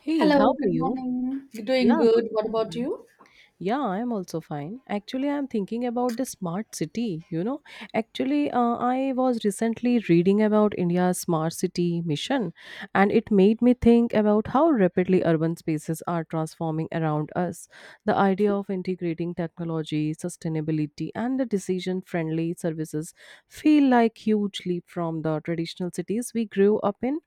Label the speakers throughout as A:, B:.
A: Hey,
B: Hello,
A: how are
B: good
A: you?
B: morning. Doing
A: Yeah, good
B: good. What about
A: morning.
B: you?
A: Yeah, I'm also fine. Actually, I'm thinking about the smart city. Actually, I was recently reading about India's smart city mission, and it made me think about how rapidly urban spaces are transforming around us. The idea of integrating technology, sustainability, and the decision-friendly services feel like huge leap from the traditional cities we grew up in.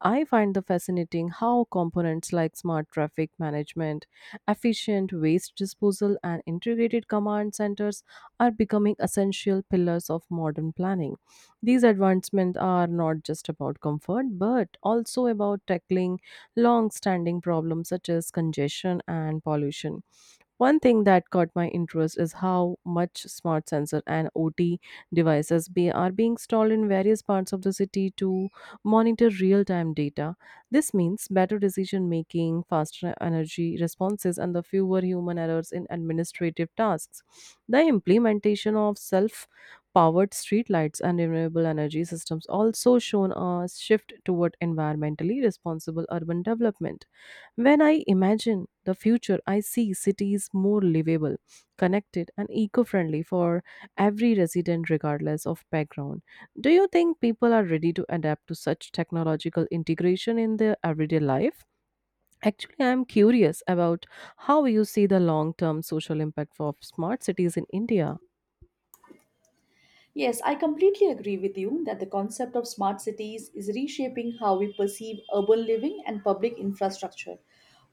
A: I find the fascinating how components like smart traffic management, efficient waste disposal, and integrated command centers are becoming essential pillars of modern planning. These advancements are not just about comfort, but also about tackling long standing problems such as congestion and pollution. One thing that caught my interest is how much smart sensor and OT devices are being installed in various parts of the city to monitor real time data. This means better decision making, faster energy responses, and the fewer human errors in administrative tasks. The implementation of self powered streetlights and renewable energy systems also shown a shift toward environmentally responsible urban development. When I imagine the future, I see cities more livable, connected, and eco friendly for every resident, regardless of background. Do you think people are ready to adapt to such technological integration in their everyday life? Actually, I am curious about how you see the long term social impact of smart cities in India.
B: Yes, I completely agree with you that the concept of smart cities is reshaping how we perceive urban living and public infrastructure.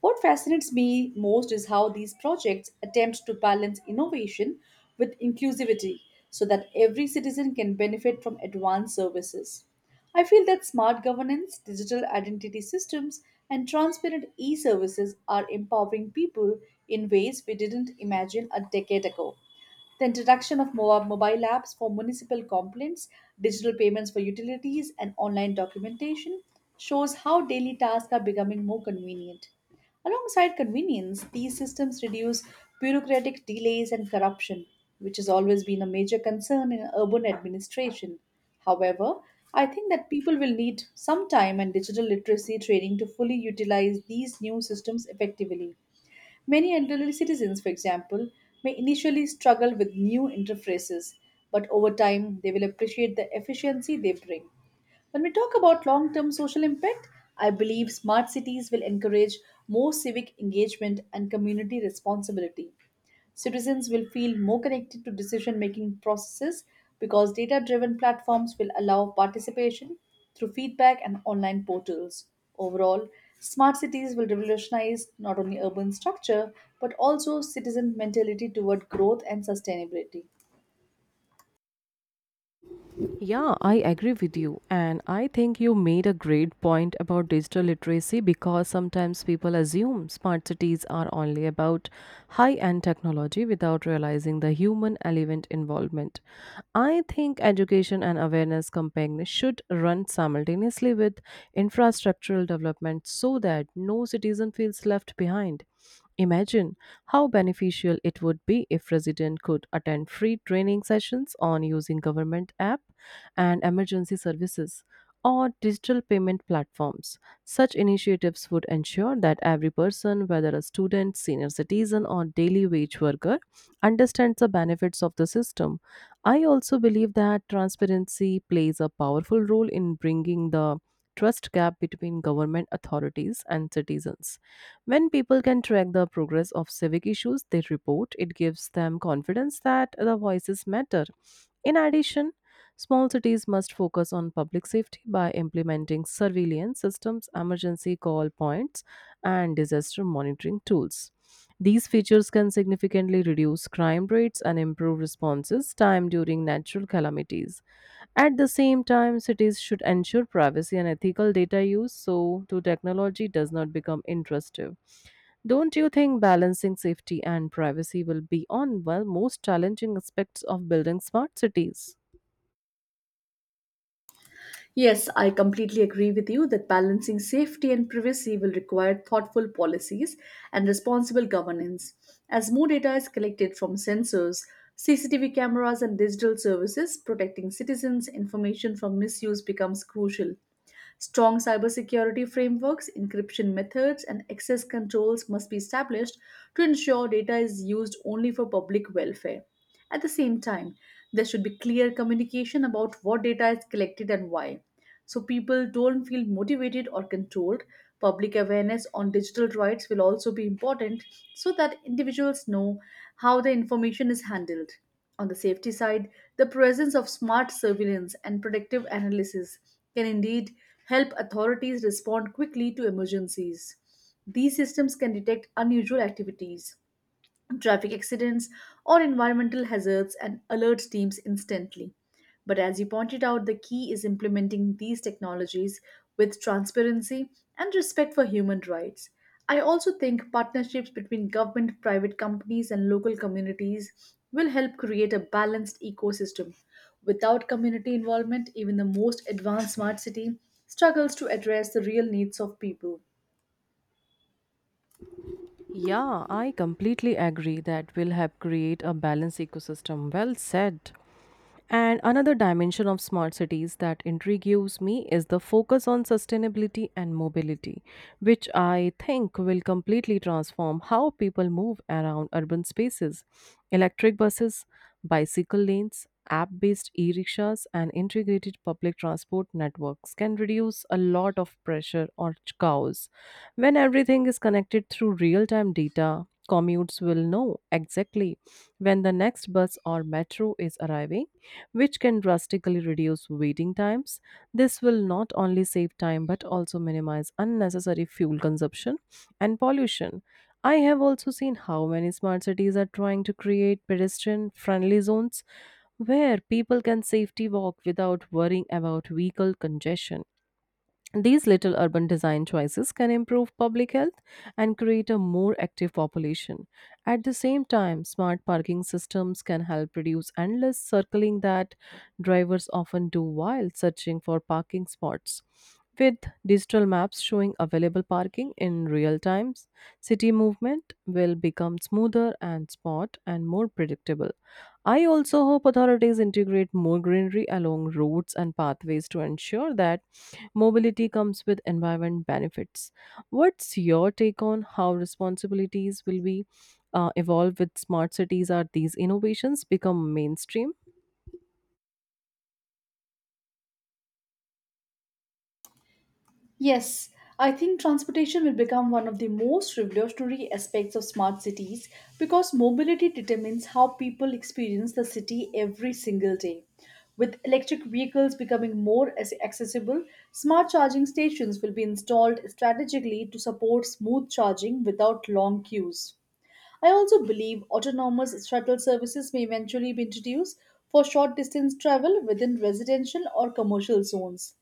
B: What fascinates me most is how these projects attempt to balance innovation with inclusivity so that every citizen can benefit from advanced services. I feel that smart governance, digital identity systems, and transparent e services are empowering people in ways we didn't imagine a decade ago. The introduction of mobile apps for municipal complaints, digital payments for utilities, and online documentation shows how daily tasks are becoming more convenient. Alongside convenience, these systems reduce bureaucratic delays and corruption, which has always been a major concern in urban administration. However, I think that people will need some time and digital literacy training to fully utilize these new systems effectively. Many elderly citizens, for example, may initially struggle with new interfaces, but over time they will appreciate the efficiency they bring. When we talk about long term social impact, I believe smart cities will encourage more civic engagement and community responsibility. Citizens will feel more connected to decision making processes because data driven platforms will allow participation through feedback and online portals. Overall, smart cities will revolutionize not only urban structure but also citizen mentality toward growth and sustainability.
A: Yeah, I agree with you. And I think you made a great point about digital literacy because sometimes people assume smart cities are only about high end technology without realizing the human element involvement. I think education and awareness campaigns should run simultaneously with infrastructural development so that no citizen feels left behind. Imagine how beneficial it would be if resident could attend free training sessions on using government app and emergency services or digital payment platforms. Such initiatives would ensure that every person, whether a student, senior citizen, or daily wage worker, understands the benefits of the system. I also believe that transparency plays a powerful role in bringing the trust gap between government authorities and citizens. When people can track the progress of civic issues they report, it gives them confidence that the voices matter. In addition, small cities must focus on public safety by implementing surveillance systems, emergency call points, and disaster monitoring tools. These features can significantly reduce crime rates and improve responses time during natural calamities. At the same time, cities should ensure privacy and ethical data use so to technology does not become intrusive. Don't you think balancing safety and privacy will be on most challenging aspects of building smart cities?
B: Yes, I completely agree with you that balancing safety and privacy will require thoughtful policies and responsible governance. As more data is collected from sensors, CCTV cameras, and digital services, protecting citizens' information from misuse becomes crucial. Strong cybersecurity frameworks, encryption methods, and access controls must be established to ensure data is used only for public welfare. At the same time, there should be clear communication about what data is collected and why, so people don't feel motivated or controlled. Public awareness on digital rights will also be important so that individuals know how the information is handled. On the safety side, the presence of smart surveillance and predictive analysis can indeed help authorities respond quickly to emergencies. These systems can detect unusual activities, traffic accidents, or environmental hazards and alert teams instantly. But as you pointed out, the key is implementing these technologies with transparency and respect for human rights. I also think partnerships between government, private companies, and local communities will help create a balanced ecosystem. Without community involvement, even the most advanced smart city struggles to address the real needs of people.
A: Yeah, I completely agree that will help create a balanced ecosystem. Well said. And another dimension of smart cities that intrigues me is the focus on sustainability and mobility, which I think will completely transform how people move around urban spaces. Electric buses, bicycle lanes, app based e rickshaws, and integrated public transport networks can reduce a lot of pressure on cows. When everything is connected through real time data, commutes will know exactly when the next bus or metro is arriving which can drastically reduce waiting times. This will not only save time but also minimize unnecessary fuel consumption and pollution. I have also seen how many smart cities are trying to create pedestrian friendly zones where people can safely walk without worrying about vehicle congestion. These little urban design choices can improve public health and create a more active population. At the same time, smart parking systems can help reduce endless circling that drivers often do while searching for parking spots. With digital maps showing available parking in real time, city movement will become smoother and spot and more predictable. I also hope authorities integrate more greenery along roads and pathways to ensure that mobility comes with environment benefits. What's your take on how responsibilities will be evolved with smart cities? Are these innovations become mainstream?
B: Yes, I think transportation will become one of the most revolutionary aspects of smart cities because mobility determines how people experience the city every single day. With electric vehicles becoming more accessible, smart charging stations will be installed strategically to support smooth charging without long queues. I also believe autonomous shuttle services may eventually be introduced for short distance travel within residential or commercial zones.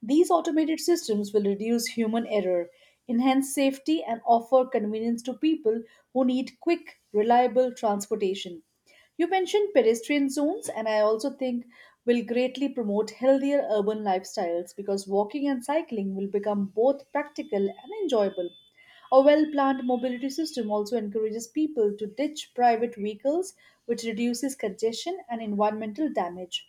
B: These automated systems will reduce human error, enhance safety, and offer convenience to people who need quick, reliable transportation. You mentioned pedestrian zones, and I also think will greatly promote healthier urban lifestyles because walking and cycling will become both practical and enjoyable. A well planned mobility system also encourages people to ditch private vehicles, which reduces congestion and environmental damage.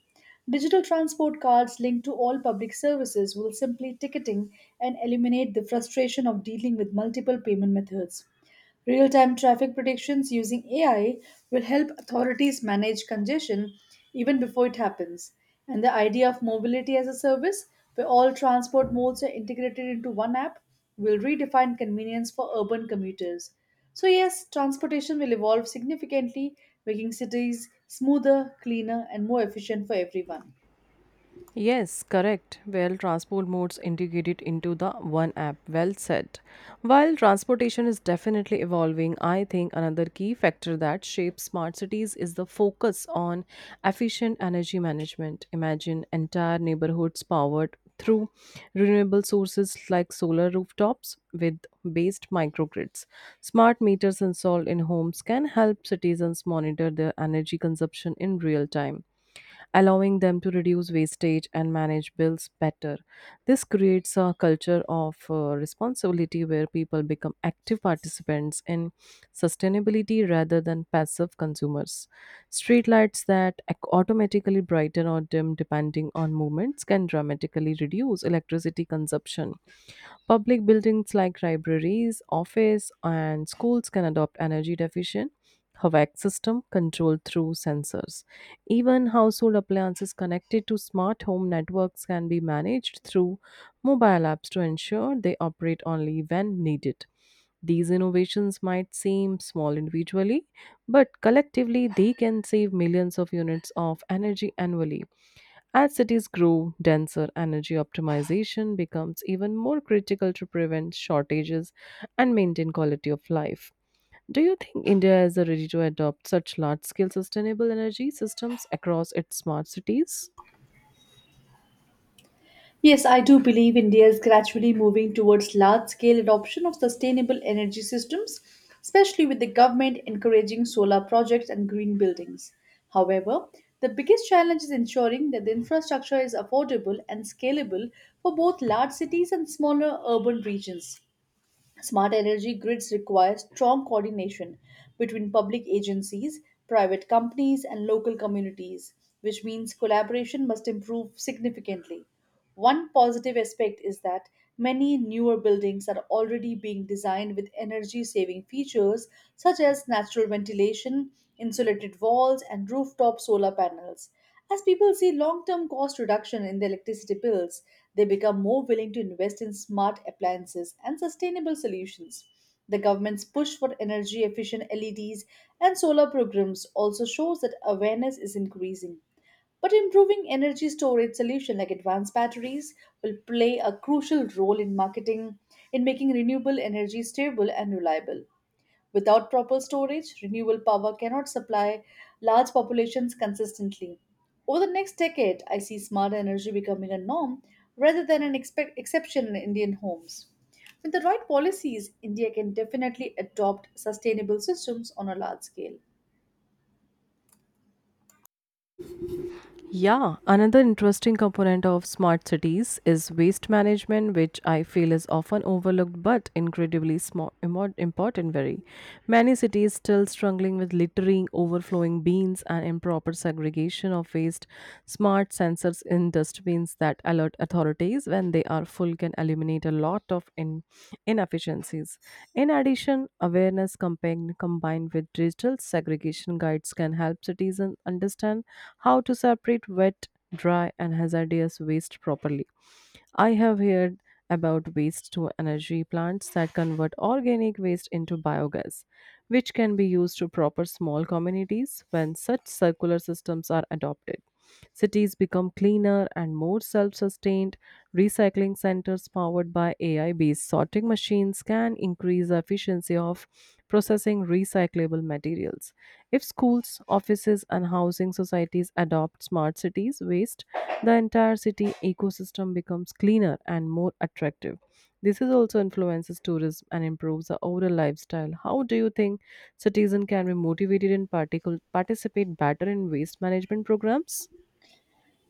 B: Digital transport cards linked to all public services will simply ticketing and eliminate the frustration of dealing with multiple payment methods. Real time traffic predictions using AI will help authorities manage congestion even before it happens. And the idea of mobility as a service, where all transport modes are integrated into one app, will redefine convenience for urban commuters. So, yes, transportation will evolve significantly, making cities smoother, cleaner, and more efficient for everyone.
A: Yes, correct. Well, transport modes integrated into the one app. Well said. While transportation is definitely evolving, I think another key factor that shapes smart cities is the focus on efficient energy management. Imagine entire neighborhoods powered through renewable sources like solar rooftops with based microgrids. Smart meters installed in homes can help citizens monitor their energy consumption in real time allowing them to reduce wastage and manage bills better. This creates a culture of responsibility where people become active participants in sustainability rather than passive consumers. Streetlights that automatically brighten or dim depending on movements can dramatically reduce electricity consumption. Public buildings like libraries, office, and schools can adopt energy efficient HVAC system controlled through sensors. Even household appliances connected to smart home networks can be managed through mobile apps to ensure they operate only when needed. These innovations might seem small individually, but collectively they can save millions of units of energy annually. As cities grow denser, energy optimization becomes even more critical to prevent shortages and maintain quality of life. Do you think India is ready to adopt such large scale sustainable energy systems across its smart cities?
B: Yes, I do believe India is gradually moving towards large scale adoption of sustainable energy systems, especially with the government encouraging solar projects and green buildings. However, the biggest challenge is ensuring that the infrastructure is affordable and scalable for both large cities and smaller urban regions. Smart energy grids require strong coordination between public agencies, private companies, and local communities, which means collaboration must improve significantly. One positive aspect is that many newer buildings are already being designed with energy saving features such as natural ventilation, insulated walls, and rooftop solar panels. As people see long term cost reduction in their electricity bills, they become more willing to invest in smart appliances and sustainable solutions. The government's push for energy efficient LEDs and solar programs also shows that awareness is increasing. But improving energy storage solutions like advanced batteries will play a crucial role in marketing, in making renewable energy stable and reliable. Without proper storage, renewable power cannot supply large populations consistently. Over the next decade, I see smart energy becoming a norm rather than an exception in Indian homes. With the right policies, India can definitely adopt sustainable systems on a large scale.
A: Yeah, another interesting component of smart cities is waste management, which I feel is often overlooked but incredibly important. Very many cities still struggling with littering, overflowing bins, and improper segregation of waste. Smart sensors in dustbins that alert authorities when they are full can eliminate a lot of inefficiencies. In addition, awareness combined with digital segregation guides can help citizens understand how to separate wet, dry, and hazardous waste properly. I have heard about waste to energy plants that convert organic waste into biogas which can be used to proper small communities when such circular systems are adopted. Cities become cleaner and more self sustained. Recycling centers powered by AI based sorting machines can increase the efficiency of processing recyclable materials. If schools, offices, and housing societies adopt smart cities waste, the entire city ecosystem becomes cleaner and more attractive. This is also influences tourism and improves the overall lifestyle. How do you think citizens can be motivated and particle participate better in waste management programs?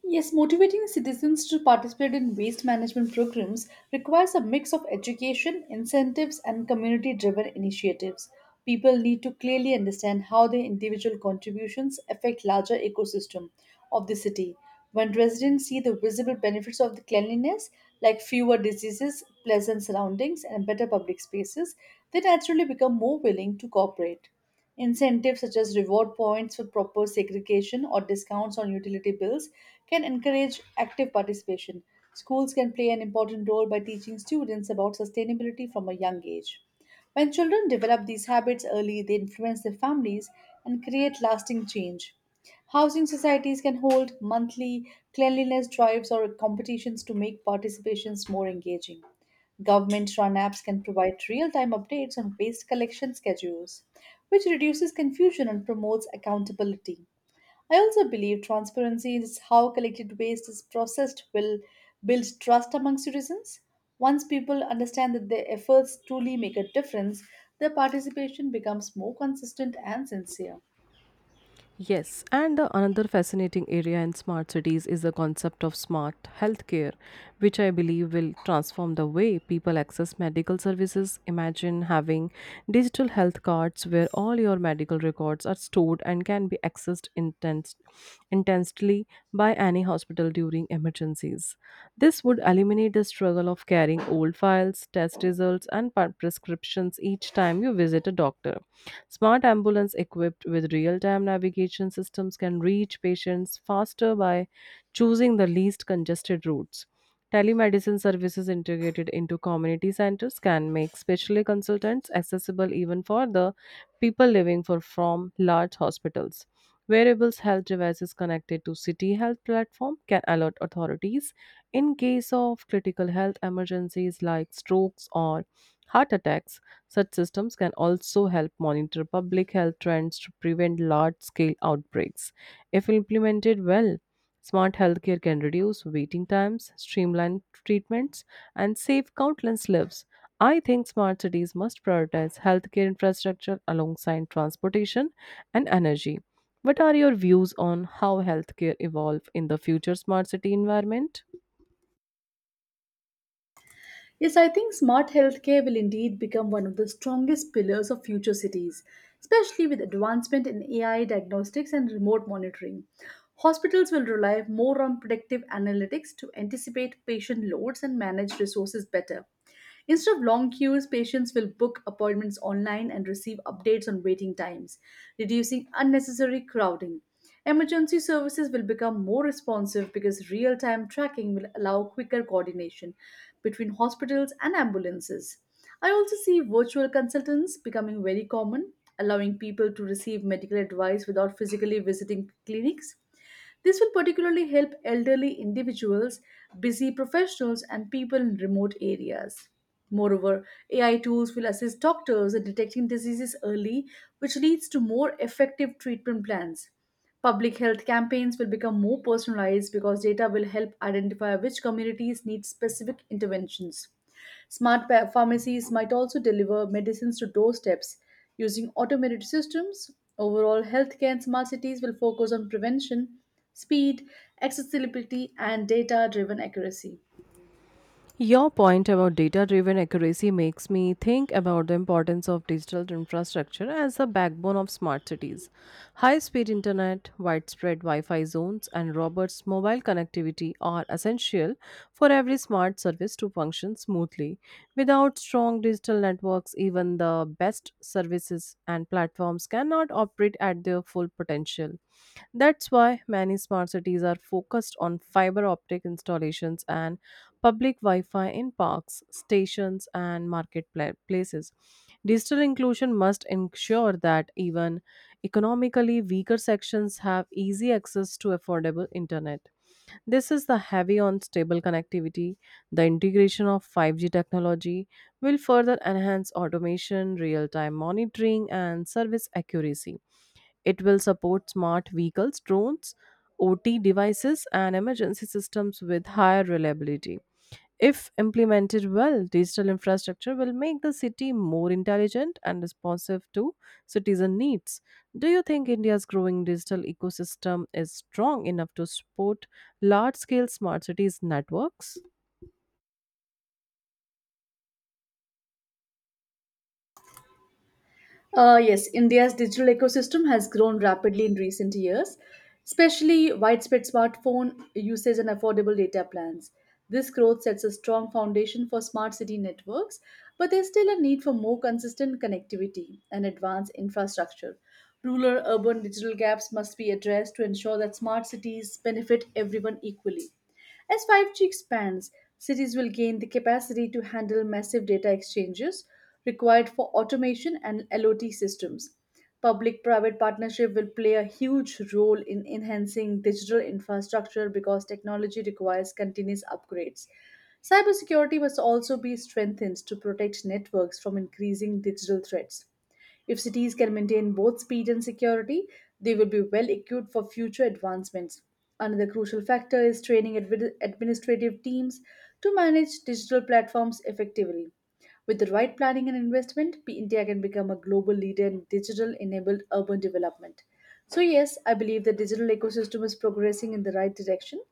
B: Yes, motivating citizens to participate in waste management programs requires a mix of education, incentives, and community driven initiatives. People need to clearly understand how their individual contributions affect larger ecosystem of the city. When residents see the visible benefits of the cleanliness, like fewer diseases, pleasant surroundings, and better public spaces, they naturally become more willing to cooperate. Incentives such as reward points for proper segregation or discounts on utility bills can encourage active participation. Schools can play an important role by teaching students about sustainability from a young age. When children develop these habits early, they influence their families and create lasting change. Housing societies can hold monthly cleanliness drives or competitions to make participations more engaging. Government run apps can provide real time updates on waste collection schedules, which reduces confusion and promotes accountability. I also believe transparency is how collected waste is processed will build trust among citizens. Once people understand that their efforts truly make a difference, their participation becomes more consistent and sincere.
A: Yes, and the another fascinating area in smart cities is the concept of smart healthcare, which I believe will transform the way people access medical services. Imagine having digital health cards where all your medical records are stored and can be accessed intensely by any hospital during emergencies. This would eliminate the struggle of carrying old files, test results, and prescriptions each time you visit a doctor. Smart ambulance equipped with real-time navigation systems can reach patients faster by choosing the least congested routes. Telemedicine services integrated into community centers can make specialty consultants accessible even for the people living from large hospitals. Wearables health devices connected to City Health platform can alert authorities in case of critical health emergencies like strokes or heart attacks. Such systems can also help monitor public health trends to prevent large scale outbreaks. If implemented well, smart healthcare can reduce waiting times, streamline treatments, and save countless lives. I think smart cities must prioritize healthcare infrastructure alongside transportation and energy. What are your views on how healthcare evolve in the future smart city environment?
B: Yes, I think smart healthcare will indeed become one of the strongest pillars of future cities, especially with advancement in AI diagnostics and remote monitoring. Hospitals will rely more on predictive analytics to anticipate patient loads and manage resources better. Instead of long queues, patients will book appointments online and receive updates on waiting times, reducing unnecessary crowding. Emergency services will become more responsive because real time tracking will allow quicker coordination between hospitals and ambulances. I also see virtual consultants becoming very common, allowing people to receive medical advice without physically visiting clinics. This will particularly help elderly individuals, busy professionals, and people in remote areas. Moreover, AI tools will assist doctors in detecting diseases early, which leads to more effective treatment plans. Public health campaigns will become more personalized because data will help identify which communities need specific interventions. Smart pharmacies might also deliver medicines to doorsteps using automated systems. Overall, healthcare in smart cities will focus on prevention, speed, accessibility, and data driven accuracy.
A: Your point about data driven accuracy makes me think about the importance of digital infrastructure as the backbone of smart cities. High speed internet, widespread Wi Fi zones, and Robert's mobile connectivity are essential for every smart service to function smoothly. Without strong digital networks, even the best services and platforms cannot operate at their full potential. That's why many smart cities are focused on fiber optic installations and public Wi-Fi in parks, stations, and marketplaces. Digital inclusion must ensure that even economically weaker sections have easy access to affordable internet. This is the heavy on stable connectivity. The integration of 5G technology will further enhance automation, real-time monitoring, and service accuracy. It will support smart vehicles, drones, OT devices, and emergency systems with higher reliability. If implemented well, digital infrastructure will make the city more intelligent and responsive to citizen needs. Do you think India's growing digital ecosystem is strong enough to support large scale smart cities networks?
B: Yes, India's digital ecosystem has grown rapidly in recent years, especially widespread smartphone usage and affordable data plans. This growth sets a strong foundation for smart city networks, but there's still a need for more consistent connectivity and advanced infrastructure. Rural urban digital gaps must be addressed to ensure that smart cities benefit everyone equally. As 5G expands, cities will gain the capacity to handle massive data exchanges required for automation and LOT systems. Public private partnership will play a huge role in enhancing digital infrastructure because technology requires continuous upgrades. Cybersecurity must also be strengthened to protect networks from increasing digital threats. If cities can maintain both speed and security, they will be well equipped for future advancements. Another crucial factor is training administrative teams to manage digital platforms effectively. With the right planning and investment, India can become a global leader in digital enabled urban development. So, yes, I believe the digital ecosystem is progressing in the right direction,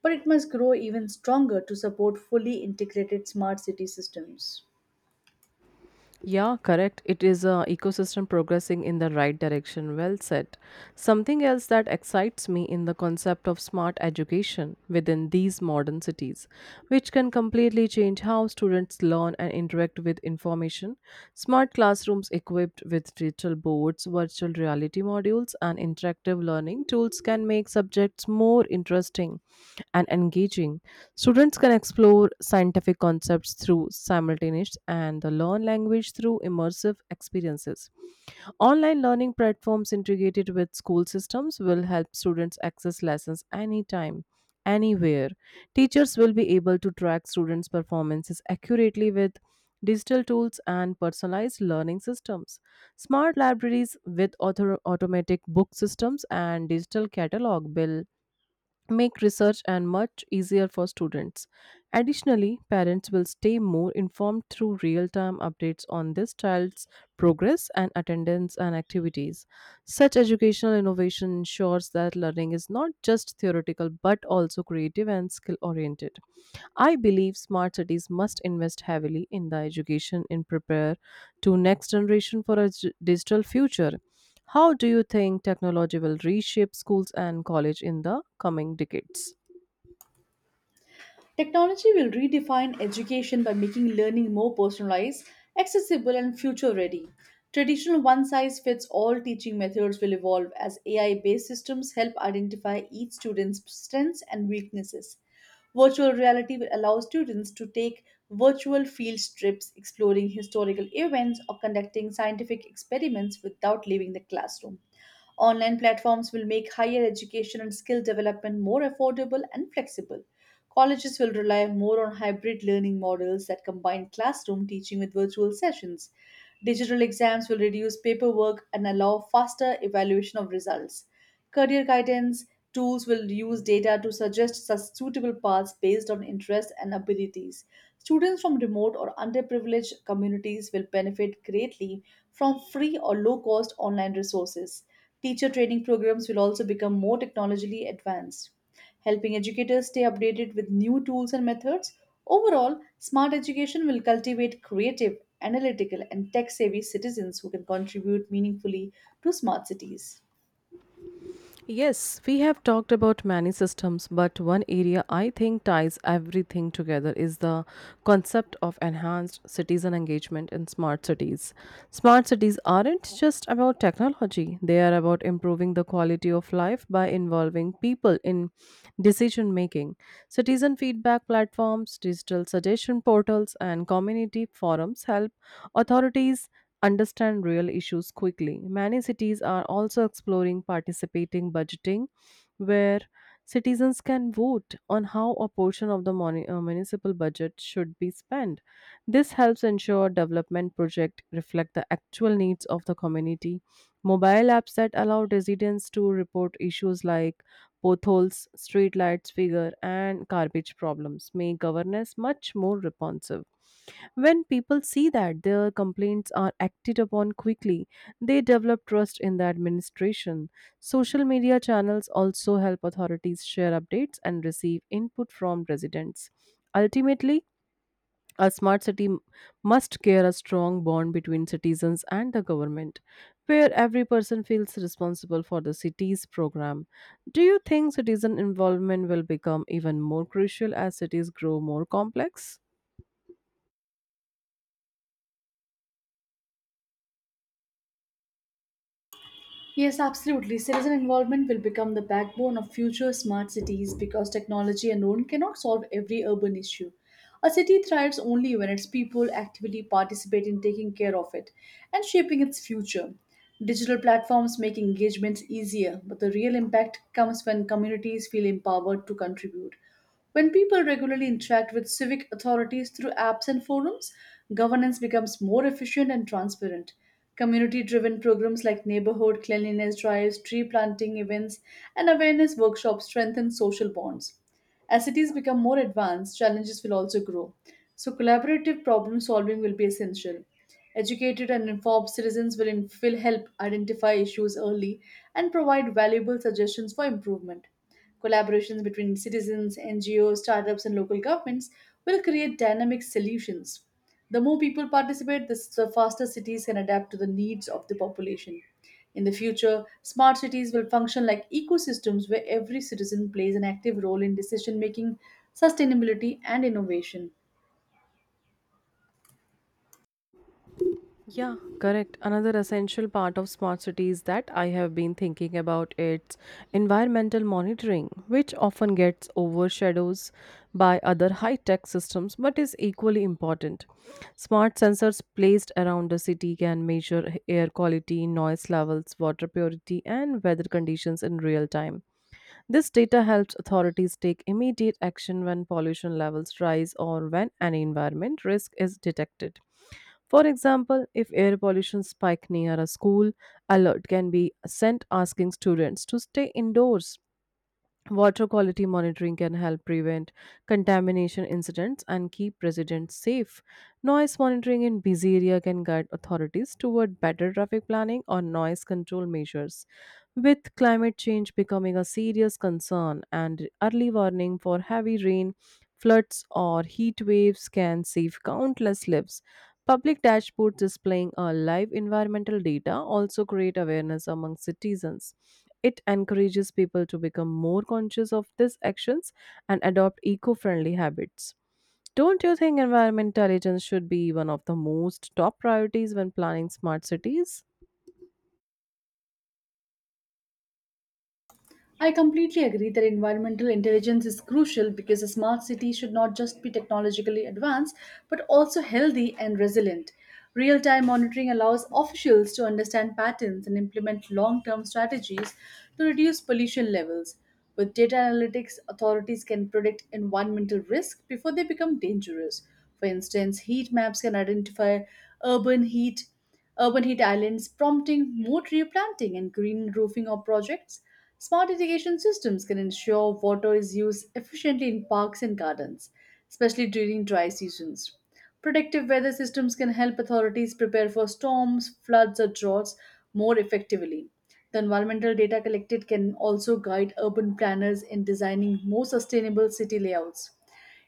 B: but it must grow even stronger to support fully integrated smart city systems.
A: Yeah, correct. It is a ecosystem progressing in the right direction. Well said. Something else that excites me in the concept of smart education within these modern cities, which can completely change how students learn and interact with information. Smart classrooms equipped with digital boards, virtual reality models modules and interactive learning tools can make subjects more interesting and engaging. Students can explore scientific concepts through simultaneous and the learn language through immersive experiences. Online learning platforms integrated with school systems will help students access lessons anytime, anywhere. Teachers will be able to track students' performances accurately with digital tools and personalized learning systems. Smart libraries with automatic book systems and digital catalog will make research and much easier for students. Additionally, parents will stay more informed through real-time updates on this child's progress and attendance and activities. Such educational innovation ensures that learning is not just theoretical but also creative and skill-oriented. I believe smart cities must invest heavily in the education and prepare to next generation for a digital future. How do you think technology will reshape schools and college in the coming decades?
B: Technology will redefine education by making learning more personalized, accessible, and future ready. Traditional one size fits all teaching methods will evolve as AI based systems help identify each student's strengths and weaknesses. Virtual reality will allow students to take virtual field trips exploring historical events or conducting scientific experiments without leaving the classroom. Online platforms will make higher education and skill development more affordable and flexible. Colleges will rely more on hybrid learning models that combine classroom teaching with virtual sessions. Digital exams will reduce paperwork and allow faster evaluation of results. Career guidance tools will use data to suggest suitable paths based on interests and abilities. Students from remote or underprivileged communities will benefit greatly from free or low cost online resources. Teacher training programs will also become more technologically advanced, helping educators stay updated with new tools and methods. Overall, smart education will cultivate creative, analytical, and tech savvy citizens who can contribute meaningfully to smart cities.
A: Yes, we have talked about many systems, but one area I think ties everything together is the concept of enhanced citizen engagement in smart cities. Smart cities aren't just about technology, they are about improving the quality of life by involving people in decision making. Citizen feedback platforms, digital suggestion portals, and community forums help authorities understand real issues quickly. Many cities are also exploring participating budgeting, where citizens can vote on how a portion of the municipal budget should be spent. This helps ensure development projects reflect the actual needs of the community. Mobile apps that allow residents to report issues like potholes, streetlights figure, and garbage problems make governance much more responsive. When people see that their complaints are acted upon quickly, they develop trust in the administration. Social media channels also help authorities share updates and receive input from residents. Ultimately, a smart city must care a strong bond between citizens and the government, where every person feels responsible for the city's program. Do you think citizen involvement will become even more crucial as cities grow more complex?
B: Yes, absolutely. Citizen involvement will become the backbone of future smart cities because technology alone cannot solve every urban issue. A city thrives only when its people actively participate in taking care of it and shaping its future. Digital platforms make engagement easier, but the real impact comes when communities feel empowered to contribute. When people regularly interact with civic authorities through apps and forums, governance becomes more efficient and transparent. Community driven programs like neighborhood cleanliness drives, tree planting events, and awareness workshops strengthen social bonds. As cities become more advanced, challenges will also grow. So, collaborative problem solving will be essential. Educated and informed citizens will, help identify issues early and provide valuable suggestions for improvement. Collaborations between citizens, NGOs, startups, and local governments will create dynamic solutions. The more people participate, the faster cities can adapt to the needs of the population. In the future, smart cities will function like ecosystems where every citizen plays an active role in decision making, sustainability, and innovation.
A: Yeah, correct. Another essential part of smart cities that I have been thinking about is environmental monitoring, which often gets overshadows by other high-tech systems but is equally important. Smart sensors placed around the city can measure air quality, noise levels, water purity, and weather conditions in real time. This data helps authorities take immediate action when pollution levels rise or when an environment risk is detected. For example, if air pollution spike near a school, alert can be sent asking students to stay indoors. Water quality monitoring can help prevent contamination incidents and keep residents safe. Noise monitoring in busy area can guide authorities toward better traffic planning or noise control measures. With climate change becoming a serious concern and early warning for heavy rain, floods or heat waves can save countless lives. Public dashboards displaying our live environmental data also create awareness among citizens. It encourages people to become more conscious of these actions and adopt eco friendly habits. Don't you think environment intelligence should be one of the most top priorities when planning smart cities?
B: I completely agree that environmental intelligence is crucial because a smart city should not just be technologically advanced but also healthy and resilient. Real time monitoring allows officials to understand patterns and implement long term strategies to reduce pollution levels. With data analytics, authorities can predict environmental risk before they become dangerous. For instance, heat maps can identify urban heat urban heat islands prompting more tree planting and green roofing of projects. Smart irrigation systems can ensure water is used efficiently in parks and gardens, especially during dry seasons. Predictive weather systems can help authorities prepare for storms, floods, or droughts more effectively. The environmental data collected can also guide urban planners in designing more sustainable city layouts.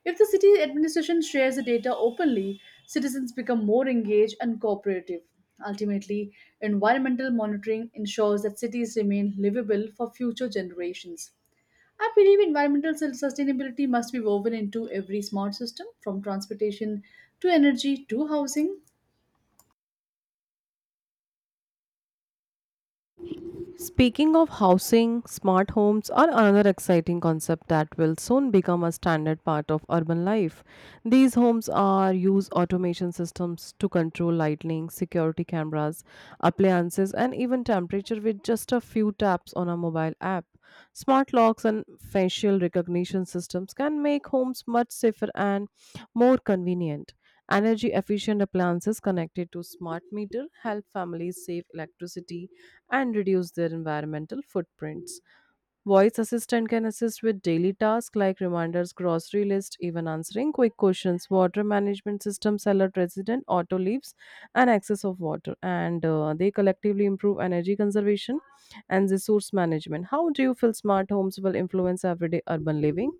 B: If the city administration shares the data openly, citizens become more engaged and cooperative. Ultimately, environmental monitoring ensures that cities remain livable for future generations. I believe environmental sustainability must be woven into every smart system, from transportation to energy to housing.
A: Speaking of housing, smart homes are another exciting concept that will soon become a standard part of urban life. These homes are use automation systems to control lighting, security cameras, appliances, and even temperature with just a few taps on a mobile app. Smart locks and facial recognition systems can make homes much safer and more convenient. Energy efficient appliances connected to smart meter help families save electricity and reduce their environmental footprints. Voice assistant can assist with daily tasks like reminders, grocery list, even answering quick questions. Water management systems alert resident auto leaves and access of water, and they collectively improve energy conservation and resource management. How do you feel smart homes will influence everyday urban living?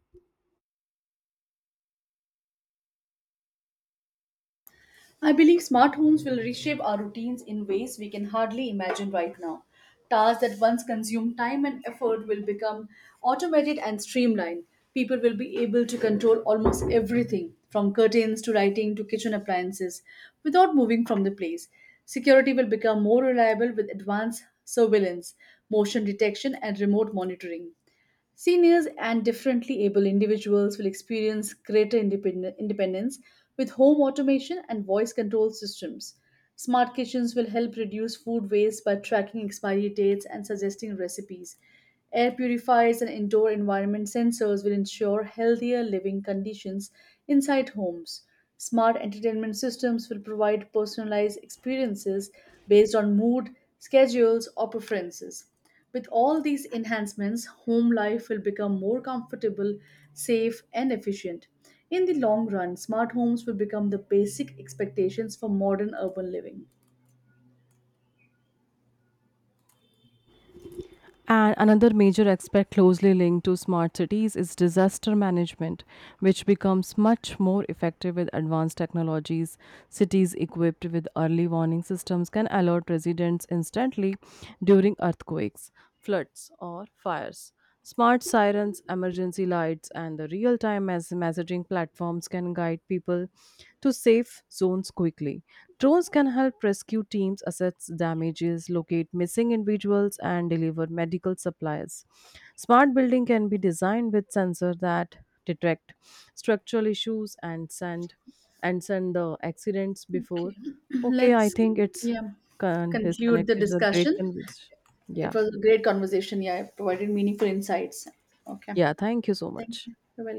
B: I believe smart homes will reshape our routines in ways we can hardly imagine right now. Tasks that once consumed time and effort will become automated and streamlined. People will be able to control almost everything, from curtains to lighting to kitchen appliances, without moving from the place. Security will become more reliable with advanced surveillance, motion detection, and remote monitoring. Seniors and differently able individuals will experience greater independence with home automation and voice control systems. Smart kitchens will help reduce food waste by tracking expiry dates and suggesting recipes. Air purifiers and indoor environment sensors will ensure healthier living conditions inside homes. Smart entertainment systems will provide personalized experiences based on mood, schedules, or preferences. With all these enhancements, home life will become more comfortable, safe, and efficient. In the long run, smart homes will become the basic expectations for modern urban living.
A: And another major aspect closely linked to smart cities is disaster management, which becomes much more effective with advanced technologies. Cities equipped with early warning systems can alert residents instantly during earthquakes, floods, or fires. Smart sirens, emergency lights, and the real time messaging platforms can guide people to safe zones quickly. Drones can help rescue teams assess damages, locate missing individuals, and deliver medical supplies. Smart building can be designed with sensors that detect structural issues and send the accidents
B: Okay,
A: before. Okay, I
B: let's,
A: think it's
B: yeah, conclude the
A: disconnected. It's a great
B: discussion.
A: conversation. Yeah.
B: It was a great conversation. Yeah, it provided meaningful insights. Okay,
A: Yeah. Thank you so
B: thank
A: much.
B: you. Bye-bye.